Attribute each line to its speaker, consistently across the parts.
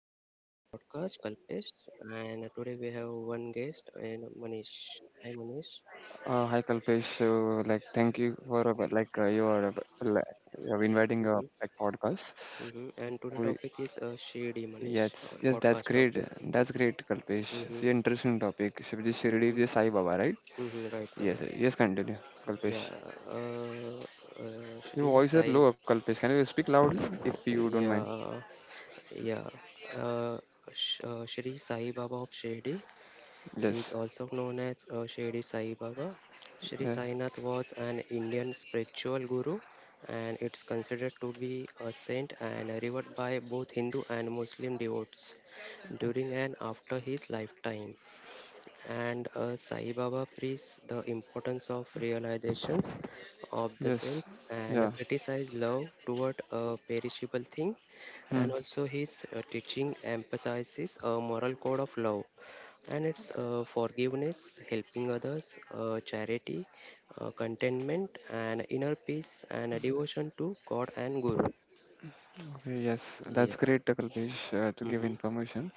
Speaker 1: of this podcast Kalpesh, and today we have one guest and Manish. Hi Manish.
Speaker 2: Hi Kalpesh, so like thank you for like your li- your inviting
Speaker 1: hmm
Speaker 2: like podcast.
Speaker 1: And today
Speaker 2: We,
Speaker 1: topic is shady Manish. Our
Speaker 2: yes, yes, that's
Speaker 1: podcast
Speaker 2: great.
Speaker 1: topic.
Speaker 2: That's great, Kalpesh. It's
Speaker 1: hmm
Speaker 2: an interesting topic. Shivji Shirdi
Speaker 1: hmm
Speaker 2: is Sai Baba, right?
Speaker 1: Right, right.
Speaker 2: Yes, yes. Continue,
Speaker 1: Yeah.
Speaker 2: Kalpesh.
Speaker 1: Uh,
Speaker 2: Your
Speaker 1: Shri
Speaker 2: voice is
Speaker 1: Sai.
Speaker 2: low, Kalpesh. Can you speak loudly if you don't mind?
Speaker 1: Yeah, yeah. Uh, Shri Sai Baba of Shady is
Speaker 2: Yes,
Speaker 1: also known as Shirdi Sai Baba. Shri
Speaker 2: yeah.
Speaker 1: Sainath was an Indian spiritual guru and it's considered to be a saint and revered by both Hindu and Muslim devotees during and after his lifetime and Sai Baba preached the importance of realizations of the self
Speaker 2: Yes,
Speaker 1: and
Speaker 2: yeah.
Speaker 1: criticized love toward a perishable thing.
Speaker 2: Hmm.
Speaker 1: And also, his teaching emphasizes a moral code of love and it's forgiveness, helping others, charity, contentment, and inner peace, and a devotion to God and Guru.
Speaker 2: Okay, yes, that's
Speaker 1: Yeah.
Speaker 2: great, Kalpesh, to give
Speaker 1: Mm-hmm.
Speaker 2: information.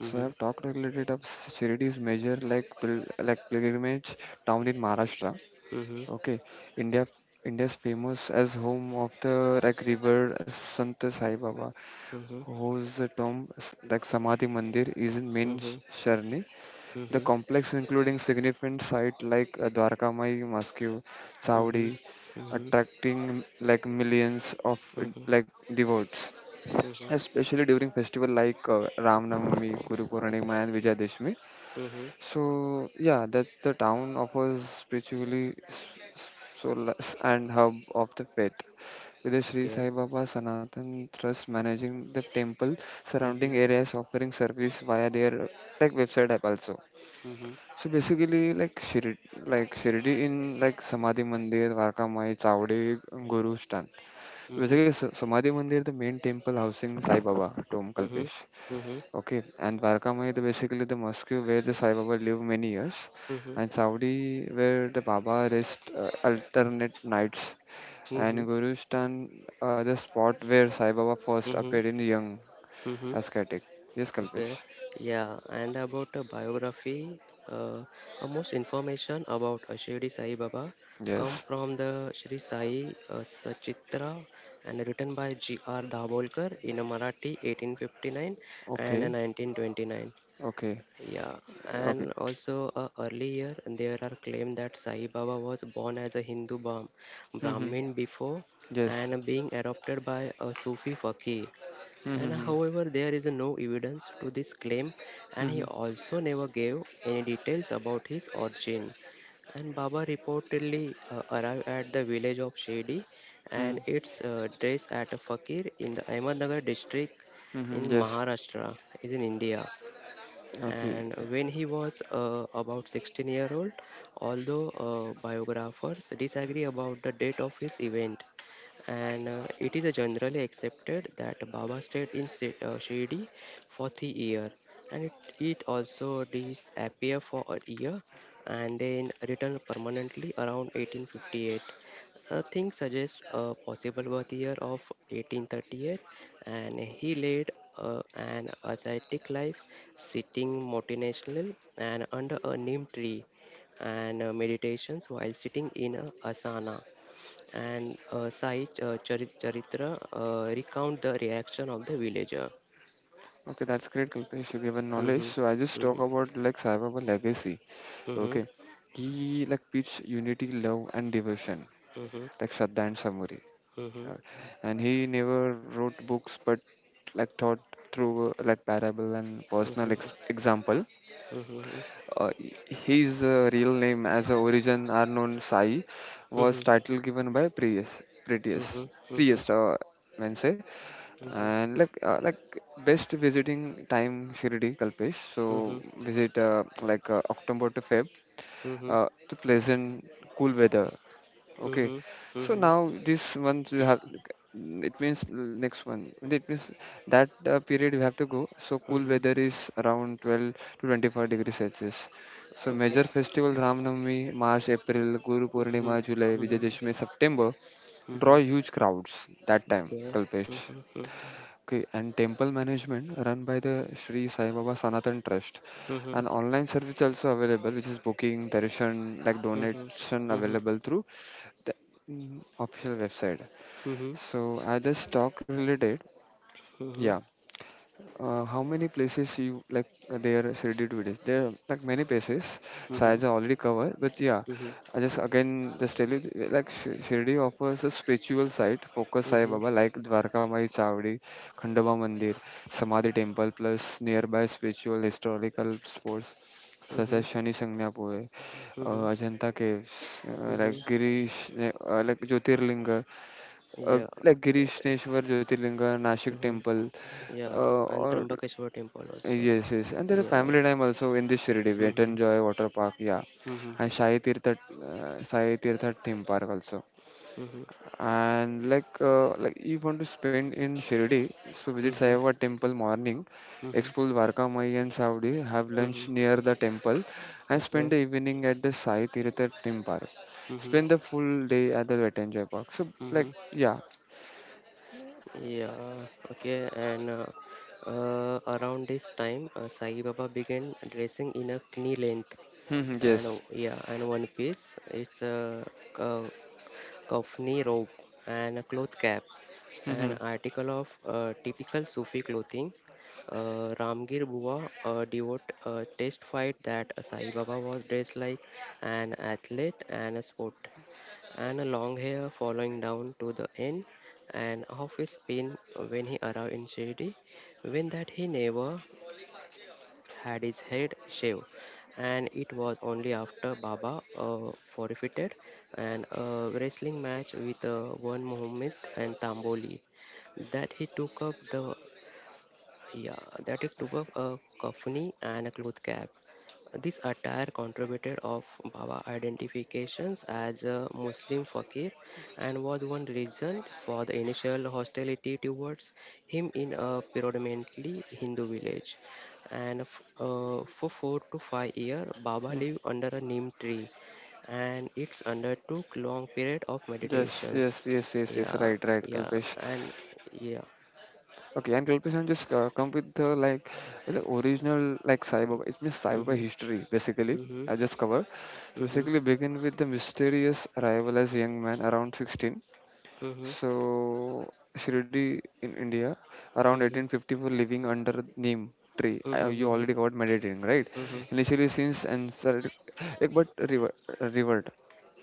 Speaker 2: So
Speaker 1: Mm-hmm.
Speaker 2: I've talked a little bit of Shirdi's major like like pilgrimage town in Maharashtra.
Speaker 1: Mm-hmm.
Speaker 2: Okay, India India's famous as home of the like revered Sant Sai Baba,
Speaker 1: Mm-hmm.
Speaker 2: whose tomb like Samadhi Mandir is in main
Speaker 1: Mm-hmm.
Speaker 2: Sharni. The
Speaker 1: Mm-hmm.
Speaker 2: complex including significant site like Dwarkamai Mosque, Chowdi,
Speaker 1: Mm-hmm.
Speaker 2: attracting like millions of
Speaker 1: Mhm.
Speaker 2: like devotees
Speaker 1: Mhm.
Speaker 2: especially during festival like Ram Navami, Guru Purnima, and Vijayadashmi.
Speaker 1: Mhm.
Speaker 2: So yeah, that the town offers spiritually solace and hub of the faith. With the Sri
Speaker 1: Okay.
Speaker 2: Sai Baba Sanatan Trust managing the temple
Speaker 1: Mhm.
Speaker 2: surrounding areas offering service via their like website app also.
Speaker 1: Mhm.
Speaker 2: So basically like Shirdi in like Samadhi Mandir, Varkamai, Chawde, Guru Stan. So,
Speaker 1: Mhm.
Speaker 2: basically Samadhi Mandir the main temple housing Sai Baba Tom
Speaker 1: Mhm.
Speaker 2: Kalpesh.
Speaker 1: Mhm.
Speaker 2: Okay, and Vargamai is basically the mosque where the Sai Baba lived many years,
Speaker 1: Mhm.
Speaker 2: and Saudi where the Baba rest alternate nights, and
Speaker 1: Mhm.
Speaker 2: Gurustan the spot where Sai Baba first appeared
Speaker 1: Mhm.
Speaker 2: in the young
Speaker 1: Mhm.
Speaker 2: ascetic. Yes,
Speaker 1: Okay.
Speaker 2: Kalpesh.
Speaker 1: Yeah. And about a biography, most information about Shirdi Sai Baba come
Speaker 2: Yes.
Speaker 1: from the Shri Sai Sachitra and written by G. R. Dabolkar in a Marathi 1859 and a
Speaker 2: Okay.
Speaker 1: 1929.
Speaker 2: Okay.
Speaker 1: Yeah,
Speaker 2: Okay.
Speaker 1: and also earlier there are claims that Sai Baba was born as a Hindu Brahm-
Speaker 2: Mm-hmm.
Speaker 1: Brahmin before
Speaker 2: Yes.
Speaker 1: and being adopted by a Sufi fakir. And
Speaker 2: Mm-hmm.
Speaker 1: however, there is no evidence to this claim, and he
Speaker 2: Mm-hmm.
Speaker 1: also never gave any details about his origin. And Baba reportedly arrived at the village of Shedi and
Speaker 2: Mm-hmm.
Speaker 1: its dress at a fakir in the Ahmednagar district
Speaker 2: Mm-hmm.
Speaker 1: in
Speaker 2: Yes.
Speaker 1: Maharashtra, is in India
Speaker 2: Okay.
Speaker 1: and when he was about 16-year-old although biographers disagree about the date of his event and it is generally accepted that Baba stayed in Shirdi for 3 years and it also disappear for a year and then return permanently around 1858. Things suggest a possible birth year of 1838 and he led an ascetic life sitting multinational and under a neem tree and meditations while sitting in a asana and Sai Charitra recount the reaction of the villager.
Speaker 2: Okay, that's great, Kalpesh. You given knowledge.
Speaker 1: Mm-hmm.
Speaker 2: So I just talk
Speaker 1: Mm-hmm.
Speaker 2: about like Sai Baba legacy. Okay,
Speaker 1: Mm-hmm.
Speaker 2: he like preached unity, love, and devotion,
Speaker 1: Mm-hmm.
Speaker 2: like Shraddha and Samuri.
Speaker 1: Mm-hmm.
Speaker 2: Uh, and he never wrote books, but like taught through like parable and personal
Speaker 1: Mm-hmm.
Speaker 2: example.
Speaker 1: Mm-hmm.
Speaker 2: Uh, his real name as a origin are known Sai was
Speaker 1: Mm-hmm.
Speaker 2: title given by Prius,
Speaker 1: Mm-hmm.
Speaker 2: Prius, man say. And like best visiting time Shirdi Kalpesh. So visit like October to Feb the pleasant cool weather. Okay,
Speaker 1: Mm-hmm.
Speaker 2: so
Speaker 1: Mm-hmm.
Speaker 2: now this month you have it means next one it means that period you have to go. So cool
Speaker 1: Mm-hmm.
Speaker 2: weather is around 12 to 25 degrees Celsius. So
Speaker 1: Okay.
Speaker 2: major festivals Ram Navami, March, April, Guru
Speaker 1: Mm-hmm.
Speaker 2: Purnima, July, Vijay
Speaker 1: Mm-hmm.
Speaker 2: Dashami, September draw
Speaker 1: Mm-hmm.
Speaker 2: huge crowds that time,
Speaker 1: Okay.
Speaker 2: Kalpesh.
Speaker 1: Mm-hmm.
Speaker 2: Okay, and temple management run by the Sri Sai Baba Sanatan Trust.
Speaker 1: Mm-hmm.
Speaker 2: An online service also available, which is booking, darshan, like
Speaker 1: Mm-hmm. Mm-hmm.
Speaker 2: donation
Speaker 1: Mm-hmm.
Speaker 2: available through the official website.
Speaker 1: Mm-hmm. Mm-hmm.
Speaker 2: So I just talk related,
Speaker 1: Mm-hmm.
Speaker 2: yeah. How many places you like there is ready to this? There are like many places. Science are already covered, but yeah, I just again just tell you like Shirdi offers a spiritual site focus. Sai
Speaker 1: Mm-hmm.
Speaker 2: Baba like Dwarkamai Mai Chavdi, Khandaba Mandir, Samadhi Temple, plus nearby spiritual historical spots such as Shani Sangnapuve, Ajanta Caves,
Speaker 1: Mm-hmm. Mm-hmm.
Speaker 2: like Girish, like Jyotirlinga,
Speaker 1: Yeah.
Speaker 2: like Girishneshwar Jyotirlinga, Nashik
Speaker 1: Mhm,
Speaker 2: Temple
Speaker 1: yeah, and
Speaker 2: or
Speaker 1: Trimbakeshwar temple also.
Speaker 2: yes, yes. And there is
Speaker 1: Yeah.
Speaker 2: family time also in this Shirdi,
Speaker 1: Mm-hmm.
Speaker 2: Vetanjoy Water Park, yeah.
Speaker 1: Mm-hmm.
Speaker 2: And Sai Tirtha Theme Park also.
Speaker 1: Mm-hmm.
Speaker 2: And like if you want to spend in Shirdi, so visit Sai
Speaker 1: Mm-hmm.
Speaker 2: Baba temple morning,
Speaker 1: Mm-hmm.
Speaker 2: explore Varka Mai and Saudi, have
Speaker 1: Mm-hmm.
Speaker 2: lunch near the temple, and spend
Speaker 1: Okay.
Speaker 2: the evening at the Sai Tirtha Theme Park.
Speaker 1: Mm-hmm.
Speaker 2: Spend the full day at the Vetanjoy Park. So
Speaker 1: Mm-hmm.
Speaker 2: like, yeah,
Speaker 1: Yeah. Okay. And around this time, Sai Baba began dressing in a knee length and
Speaker 2: yes.
Speaker 1: yeah, and one piece. It's a uh, kafni robe, and a cloth cap, an
Speaker 2: Mm-hmm.
Speaker 1: article of typical Sufi clothing. Ramgir Bua, a devote, testified that Sai Baba was dressed like an athlete and a sport, and a long hair following down to the end, and half his pin when he arrived in Shirdi, when that he never had his head shaved, and it was only after Baba forfeited an wrestling match with one Muhammad and Tamboli that he took up yeah a kafani and a cloth cap. This attire contributed of Baba identifications as a Muslim fakir and was one reason for the initial hostility towards him in a predominantly Hindu village. And for 4 to 5 years, Baba
Speaker 2: Mm.
Speaker 1: lived under a neem tree and it's undertook long period of
Speaker 2: Yes, yes,
Speaker 1: meditations.
Speaker 2: yes, yes, yes,
Speaker 1: Yeah,
Speaker 2: right, right,
Speaker 1: yeah,
Speaker 2: Kalpesh.
Speaker 1: and yeah.
Speaker 2: Okay, and Kalpesh just come with the like the original like cyber it's means cyber
Speaker 1: Mm-hmm,
Speaker 2: history basically.
Speaker 1: mm-hmm,
Speaker 2: I just cover. So
Speaker 1: mm-hmm,
Speaker 2: basically begin with the mysterious arrival as young man around 16.
Speaker 1: mm-hmm,
Speaker 2: So Shirdi in India around
Speaker 1: mm-hmm,
Speaker 2: 1854 living under neem tree. You
Speaker 1: mm-hmm,
Speaker 2: already covered meditating, right?
Speaker 1: mm-hmm.
Speaker 2: Initially since and like but revert.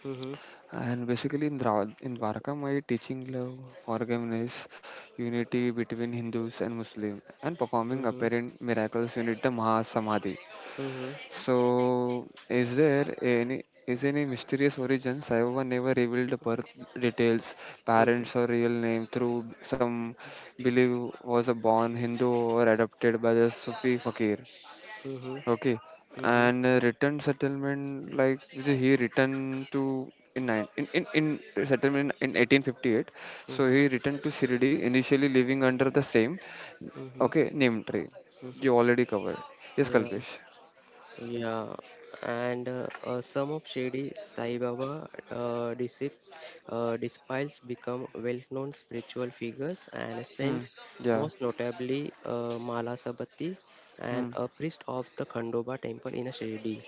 Speaker 1: mm-hmm.
Speaker 2: And basically, in Varaka, my teaching love organized unity between Hindus and Muslims and performing
Speaker 1: Mhm.
Speaker 2: apparent miracles. You the Mahasamadhi.
Speaker 1: Mhm.
Speaker 2: So, is any mysterious origin? Saivaba never revealed the birth details,
Speaker 1: Mhm.
Speaker 2: parents or real name. Through some believe was a born Hindu or adopted by the Sufi fakir.
Speaker 1: Mhm.
Speaker 2: Okay,
Speaker 1: Mhm.
Speaker 2: and return settlement like so he returned to in settlement in 1858. So he
Speaker 1: Mhm.
Speaker 2: returned to Shirdi, initially living under the same
Speaker 1: Mhm.
Speaker 2: okay name tree.
Speaker 1: Mhm.
Speaker 2: You already covered. Yes,
Speaker 1: Yeah.
Speaker 2: Kalpesh.
Speaker 1: Yeah. And some of Shirdi Sai Baba uh, discip, disciples become well-known spiritual figures and
Speaker 2: Hmm.
Speaker 1: saint,
Speaker 2: Yeah.
Speaker 1: most notably Mala Sabati
Speaker 2: Hmm.
Speaker 1: and a priest of the Khandoba temple in Shirdi,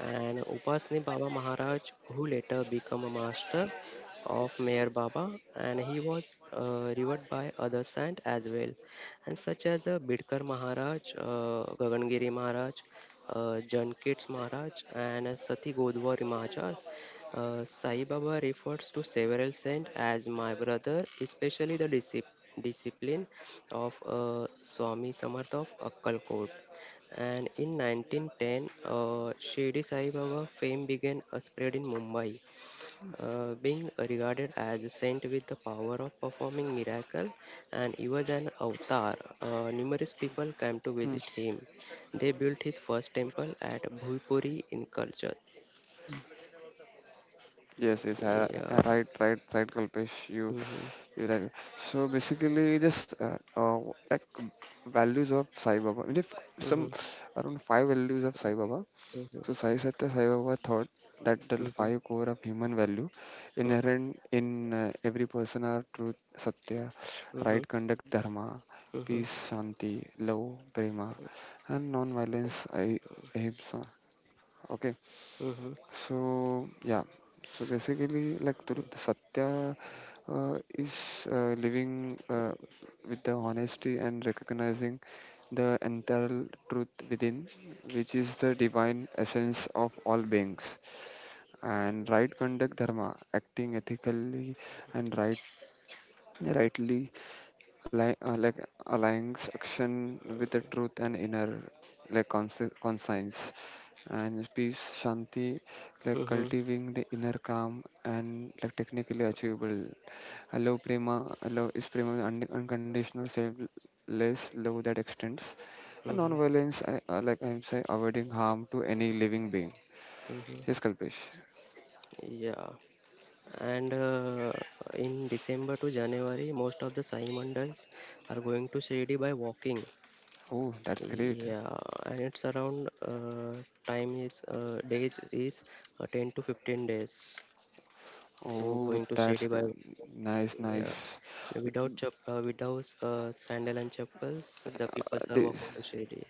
Speaker 1: and Upasni Baba Maharaj, who later became a master of Meher Baba, and he was revered by other saints as well, and such as Bidkar Maharaj, Gagangiri Maharaj, Jankits Maharaj, and Sati Godwari Maharaj. Sai Baba refers to several saints as my brother, especially the discipline of Swami Samarth of Akkalkot. And in 1910, Shirdi Sai Baba fame began a spread in Mumbai, being regarded as a saint with the power of performing miracle, and he was an avatar. Numerous people came to
Speaker 2: Hmm.
Speaker 1: visit him. They built his first temple at Bhuipuri in Kalchad.
Speaker 2: Yes, yes,
Speaker 1: Yeah.
Speaker 2: right, right, right, Kalpesh. You,
Speaker 1: Mm-hmm.
Speaker 2: you right. So basically, this like values of Sai Baba. I mean, if
Speaker 1: Mm-hmm.
Speaker 2: some around five values of Sai Baba. So Sai Satya Sai Baba thought that the
Speaker 1: Mm-hmm. Mm-hmm.
Speaker 2: five core of human value inherent in every person are truth, satya,
Speaker 1: Mm-hmm.
Speaker 2: right conduct, dharma,
Speaker 1: Mm-hmm.
Speaker 2: peace, shanti, love, prema, and non-violence, ahimsa. Okay.
Speaker 1: Mm-hmm.
Speaker 2: So yeah, so basically, like Turut Satya is living with the honesty and recognizing the entire truth within, which is the divine essence of all beings. And right conduct dharma, acting ethically and rightly like aligning action with the truth and inner like conscience and peace shanti like
Speaker 1: Mm-hmm.
Speaker 2: cultivating the inner calm and like technically achievable. I love is prema, unconditional selfless love that extends, and
Speaker 1: Mm-hmm.
Speaker 2: non-violence, like I'm saying, avoiding harm to any living being.
Speaker 1: Mm-hmm.
Speaker 2: Yes, Kalpesh.
Speaker 1: Yeah. And in December to January, most of the Sai Mandals are going to Shirdi by walking.
Speaker 2: Oh, that's great,
Speaker 1: Yeah, and it's around time is days is 10 to 15 days to
Speaker 2: oh
Speaker 1: going to
Speaker 2: that's
Speaker 1: Shirdi
Speaker 2: g-
Speaker 1: by
Speaker 2: nice,
Speaker 1: yeah.
Speaker 2: nice.
Speaker 1: And without sandal and chappals, the people are
Speaker 2: This
Speaker 1: walking to Shirdi.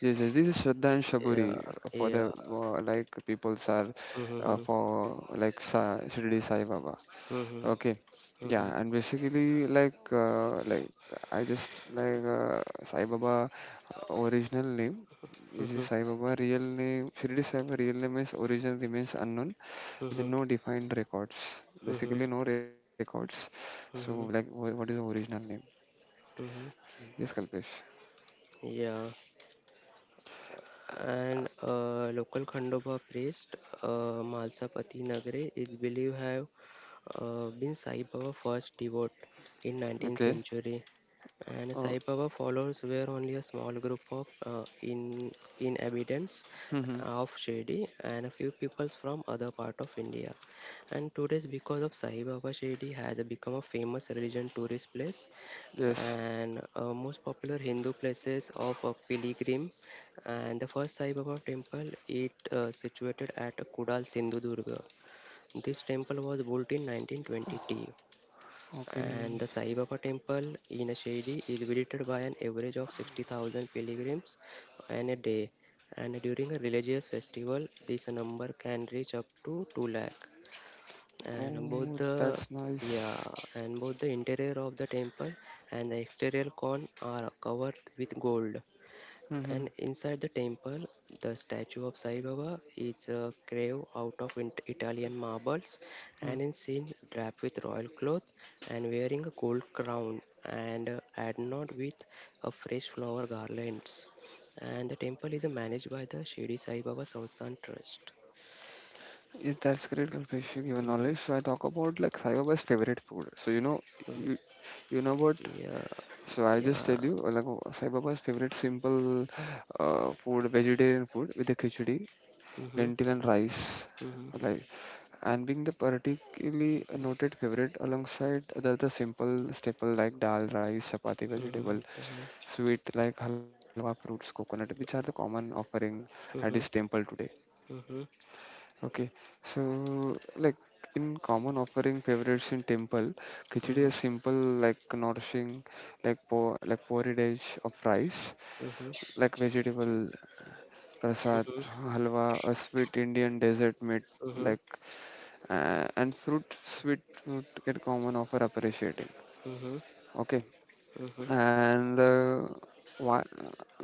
Speaker 2: Yes, yes, this is Shraddha and Shaburi
Speaker 1: Yeah,
Speaker 2: for the
Speaker 1: yeah.
Speaker 2: like peoples are
Speaker 1: Mm-hmm,
Speaker 2: for like Sa Shirdi Sai Baba.
Speaker 1: mm-hmm,
Speaker 2: Okay,
Speaker 1: mm-hmm,
Speaker 2: yeah, and basically like I just like Sai Baba original name, which
Speaker 1: mm-hmm,
Speaker 2: is Sai Baba real name. Shirdi Sai Baba real name is original remains unknown with
Speaker 1: mm-hmm,
Speaker 2: no defined records.
Speaker 1: mm-hmm,
Speaker 2: Basically, no records. So like,
Speaker 1: mm-hmm.
Speaker 2: what is the original name?
Speaker 1: mm-hmm.
Speaker 2: Yes, Kalpesh.
Speaker 1: Yeah. And a local Khandoba priest, Malsapati Nagare, is believed have been Sai Baba's first devote in 19th
Speaker 2: Okay.
Speaker 1: century. And
Speaker 2: Uh,
Speaker 1: Sai Baba followers were only a small group of in inhabitants of Shirdi and a few peoples from other part of India. And today's because of Sai Baba, Shirdi has become a famous religion tourist place
Speaker 2: yes.
Speaker 1: and most popular Hindu places of pilgrim and the first Sai Baba temple, it situated at Kudal Sindhudurga. This temple was built in 1920. And
Speaker 2: Okay.
Speaker 1: the Sai Baba temple in Shirdi is visited by an average of 60,000 pilgrims on a day. And during a religious festival, this number can reach up to 2 lakh. And
Speaker 2: Oh, that's
Speaker 1: yeah,
Speaker 2: nice.
Speaker 1: both the interior of the temple and the exterior con are covered with gold.
Speaker 2: Mm-hmm.
Speaker 1: And inside the temple, the statue of Sai Baba is a grave out of Italian marbles
Speaker 2: Mm.
Speaker 1: and is seen draped with royal cloth and wearing a gold crown and adorned with a fresh flower garlands. And the temple is managed by the Shirdi Sai Baba Samsthan Trust.
Speaker 2: Yes, that's great, Kalpesh. You given knowledge. So I talk about like Saibaba's favorite food. So you, you know what?
Speaker 1: Yeah,
Speaker 2: So I just tell
Speaker 1: yeah.
Speaker 2: you, like Saibaba's favorite simple food, vegetarian food with the khichdi,
Speaker 1: Mm-hmm,
Speaker 2: lentil and rice.
Speaker 1: mm-hmm,
Speaker 2: Like and being the particularly noted favorite alongside the other simple staple like dal, rice, chapati, vegetable,
Speaker 1: mm-hmm,
Speaker 2: sweet like halwa, fruits, coconut, which are the common offering at this
Speaker 1: mm-hmm,
Speaker 2: temple today.
Speaker 1: mm-hmm,
Speaker 2: Okay, so like in common offering favorites in temple, khichdi is
Speaker 1: mm-hmm,
Speaker 2: simple like nourishing, like po like porridge of rice,
Speaker 1: mm-hmm,
Speaker 2: like vegetable prasad, halwa, a sweet Indian desert made
Speaker 1: mm-hmm,
Speaker 2: like and fruit sweet fruit get common offer appreciating.
Speaker 1: mm-hmm, mm-hmm,
Speaker 2: Okay,
Speaker 1: mm-hmm.
Speaker 2: and why,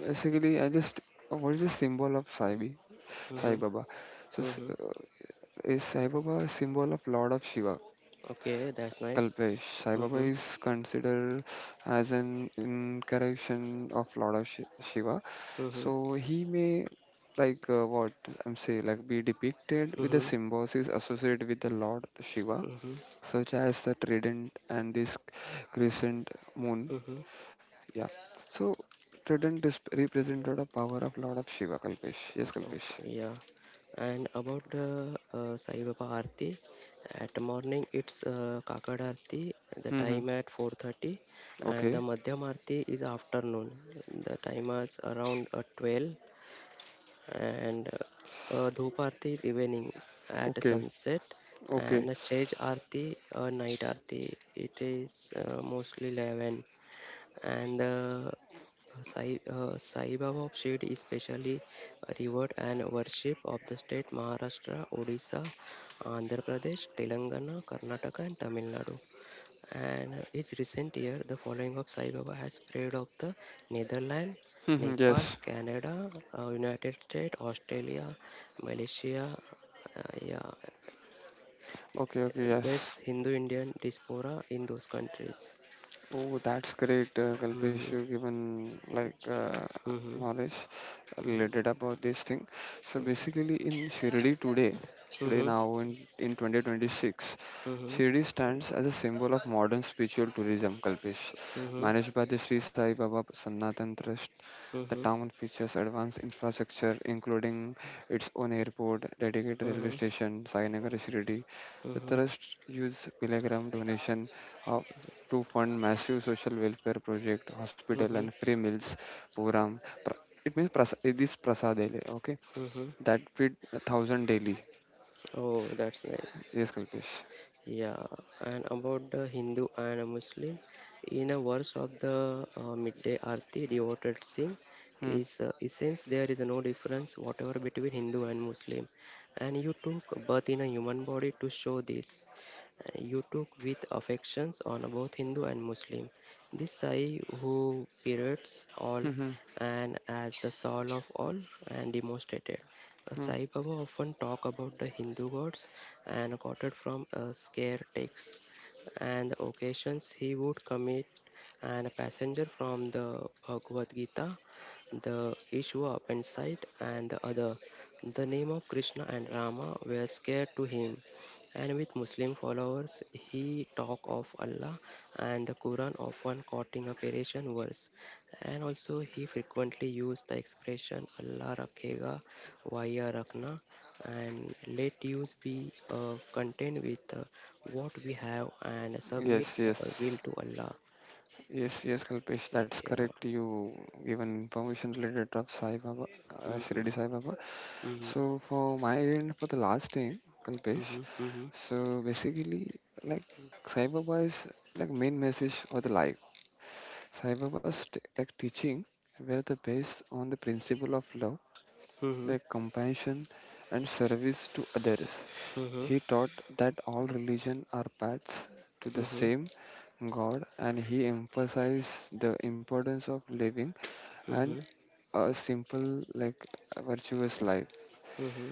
Speaker 2: basically I just what is the symbol of Sai
Speaker 1: mm-hmm.
Speaker 2: Baba? So
Speaker 1: Mm-hmm.
Speaker 2: is Sai Baba a symbol of Lord of Shiva,
Speaker 1: Okay, that's nice.
Speaker 2: Kalpesh? Sai Baba
Speaker 1: Mm-hmm.
Speaker 2: is considered as an incarnation of Lord of Shiva, so
Speaker 1: Mm-hmm.
Speaker 2: he may like what I'm saying like be depicted with the
Speaker 1: Mm-hmm.
Speaker 2: symbols is associated with the Lord Shiva,
Speaker 1: Mm-hmm.
Speaker 2: such as the trident and this crescent moon.
Speaker 1: Mm-hmm.
Speaker 2: Yeah. So trident is represented a power of Lord of Shiva, Kalpesh. Yes, Kalpesh.
Speaker 1: Okay, yeah. And about the Sai Baba Aarti, at morning it's Kakad Aarti, the
Speaker 2: Mm-hmm.
Speaker 1: time at 4:30 and the
Speaker 2: Okay.
Speaker 1: Madhyam Aarti is afternoon. The time is around 12 and Dhoop Aarti is evening at
Speaker 2: Okay.
Speaker 1: sunset
Speaker 2: Okay.
Speaker 1: and Stage Aarti, night Aarti, it is mostly 11 and the Sai Baba of Shirdi is specially revered and worshipped of the state Maharashtra, Odisha, Andhra Pradesh, Telangana, Karnataka, and Tamil Nadu. And each recent year, the following of Sai Baba has spread of the Netherlands,
Speaker 2: Mm-hmm.
Speaker 1: Nepal,
Speaker 2: Yes.
Speaker 1: Canada, United States, Australia, Malaysia. Yeah,
Speaker 2: Okay. Okay. Yes.
Speaker 1: this Hindu Indian diaspora in those countries.
Speaker 2: Oh, that's great, Kalpesh.
Speaker 1: Hmm
Speaker 2: You've given like
Speaker 1: hmm hmm
Speaker 2: knowledge related about this thing. So basically in Shirdi today
Speaker 1: hmm
Speaker 2: now in 2026,
Speaker 1: Mhm.
Speaker 2: Shirdi stands as a symbol of modern spiritual tourism, Kalpesh,
Speaker 1: Mhm.
Speaker 2: managed by the Sri Sai Baba Sanatan Trust. The
Speaker 1: Mhm.
Speaker 2: town features advanced infrastructure including its own airport, dedicated railway
Speaker 1: Mhm.
Speaker 2: station Sainagar Shirdi. The
Speaker 1: Mhm.
Speaker 2: trust use pilgrim donation of to fund massive social welfare project, hospital
Speaker 1: Mhm.
Speaker 2: and free meals program. It means prasa it is prasadele, okay?
Speaker 1: Mhm.
Speaker 2: That feed a thousand daily.
Speaker 1: Oh, that's nice.
Speaker 2: Yes, Kalpesh.
Speaker 1: Yeah, and about the Hindu and a Muslim, in a verse of the midday arti, devoted Singh
Speaker 2: Hmm.
Speaker 1: is essence there is no difference whatever between Hindu and Muslim, and you took birth in a human body to show this. You took with affections on both Hindu and Muslim. This Sai who pervades all
Speaker 2: Hmm. Hmm,
Speaker 1: and as the soul of all and demonstrated.
Speaker 2: hmm.
Speaker 1: Sai Baba often talk about the Hindu gods and quoted from a scare texts, and the occasions he would commit and a passenger from the Bhagavad Gita, the Ishwa appendicite, and the other. The name of Krishna and Rama were scared to him, and with Muslim followers, he talk of Allah and the Quran often quoting a variation verse, and also he frequently used the expression Allah rakhega via Rakna and let yours be content with what we have and submit
Speaker 2: Yes, yes.
Speaker 1: our will to Allah.
Speaker 2: Yes, yes, Kalpesh. That's
Speaker 1: Yeah.
Speaker 2: correct. You given information related to Sai Baba,
Speaker 1: Mhm,
Speaker 2: Shirdi Sai Baba.
Speaker 1: mhm,
Speaker 2: So for my end, for the last thing, Kalpesh.
Speaker 1: mhm, mhm,
Speaker 2: So basically, like Sai Baba is like main message for the life. Sai Baba's like teaching were the based on the principle of love,
Speaker 1: mhm,
Speaker 2: the compassion and service to others.
Speaker 1: mhm,
Speaker 2: He taught that all religions are paths to the
Speaker 1: mhm,
Speaker 2: same God, and he emphasized the importance of living and
Speaker 1: mhm,
Speaker 2: a simple, like virtuous life.
Speaker 1: mhm,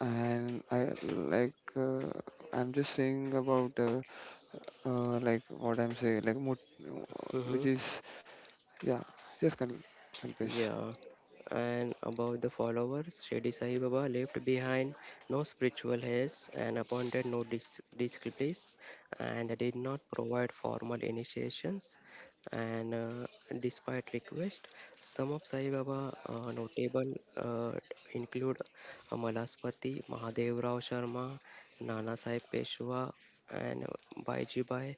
Speaker 2: And I like I'm just saying about like what I'm saying, like which
Speaker 1: mhm,
Speaker 2: is yeah, yes, Kalpesh.
Speaker 1: Yeah, and about the followers, Shirdi Sai Baba left behind no spiritual heads and appointed no disciples and did not provide formal initiations. And despite request, some of Sai Baba notable include Amalaspati, Mahadev Rao Sharma, Nana Sai Peshwa, and Baijibai,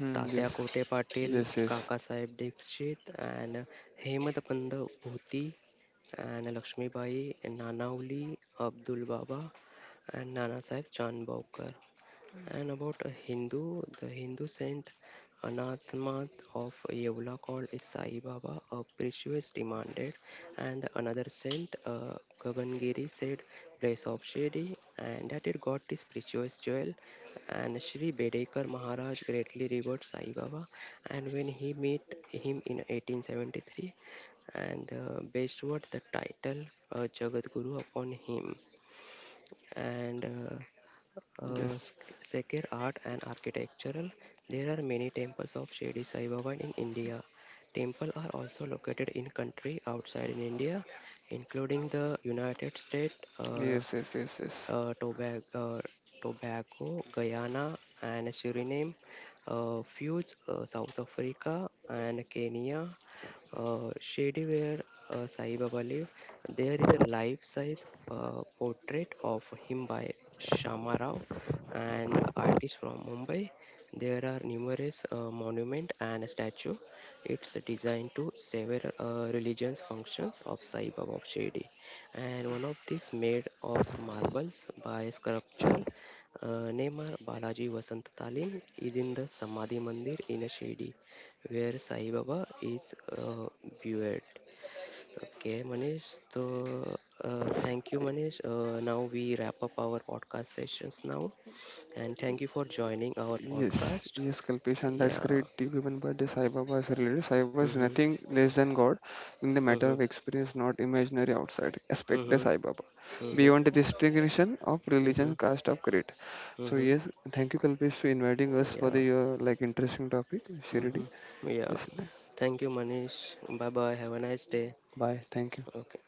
Speaker 2: Hmm,
Speaker 1: Tatya
Speaker 2: yes,
Speaker 1: कोटे Patil,
Speaker 2: yes, yes,
Speaker 1: Kakasaheb Dixit, and हेमदपंत भोती, and Lakshmibai Nanavali, Abdul Baba, and Nanasaheb चानबावकर. And about a Hindu, the Hindu saint Anathemath of Yeula called is Sai Baba, a precious demanded, and another saint, Gagangiri, said, place of Shedi, and that it got this precious jewel. And Sri Bedekar Maharaj greatly revered Sai Baba, and when he met him in 1873, and bestowed the title Jagat Guru upon him and
Speaker 2: yes,
Speaker 1: secure art and architectural. There are many temples of Shirdi Sai Baba in India. Temples are also located in country outside in India, including the United States.
Speaker 2: yes, yes, yes, yes.
Speaker 1: Uh, Tobago, uh, Tobago, Guyana, and Suriname, feuds South Africa and Kenya. Shady where Sai Baba live, there is a life-size portrait of him by Shama Rao, an artist from Mumbai. There are numerous monument and statue. It's designed to several religions functions of Sai Baba of Shady and one of these made of marbles by sculpture Nemar Balaji Vasant Talim is in the Samadhi Mandir in Shirdi where Sai Baba is buried. Okay, Manish. So thank you, Manish. Now we wrap up our podcast sessions now, and thank you for joining our
Speaker 2: Yes,
Speaker 1: podcast.
Speaker 2: yes, Kalpesh, and that's
Speaker 1: Yeah.
Speaker 2: great. You given by the Sai Baba is related. Sai Baba is
Speaker 1: Mm-hmm.
Speaker 2: nothing less than God, in the matter
Speaker 1: Mm-hmm.
Speaker 2: of experience, not imaginary outside. Expect the
Speaker 1: Mm-hmm.
Speaker 2: Sai Baba
Speaker 1: Mm-hmm.
Speaker 2: beyond the distinction of
Speaker 1: Mm-hmm.
Speaker 2: religion, caste, of creed. So
Speaker 1: Mm-hmm.
Speaker 2: yes, thank you, Kalpesh, for inviting us for
Speaker 1: Yeah.
Speaker 2: the like interesting topic,
Speaker 1: hmm
Speaker 2: Shirdi.
Speaker 1: Yeah.
Speaker 2: Yes,
Speaker 1: Thank you, Manish. Bye bye. Have a nice day.
Speaker 2: bye. Thank you.
Speaker 1: Okay.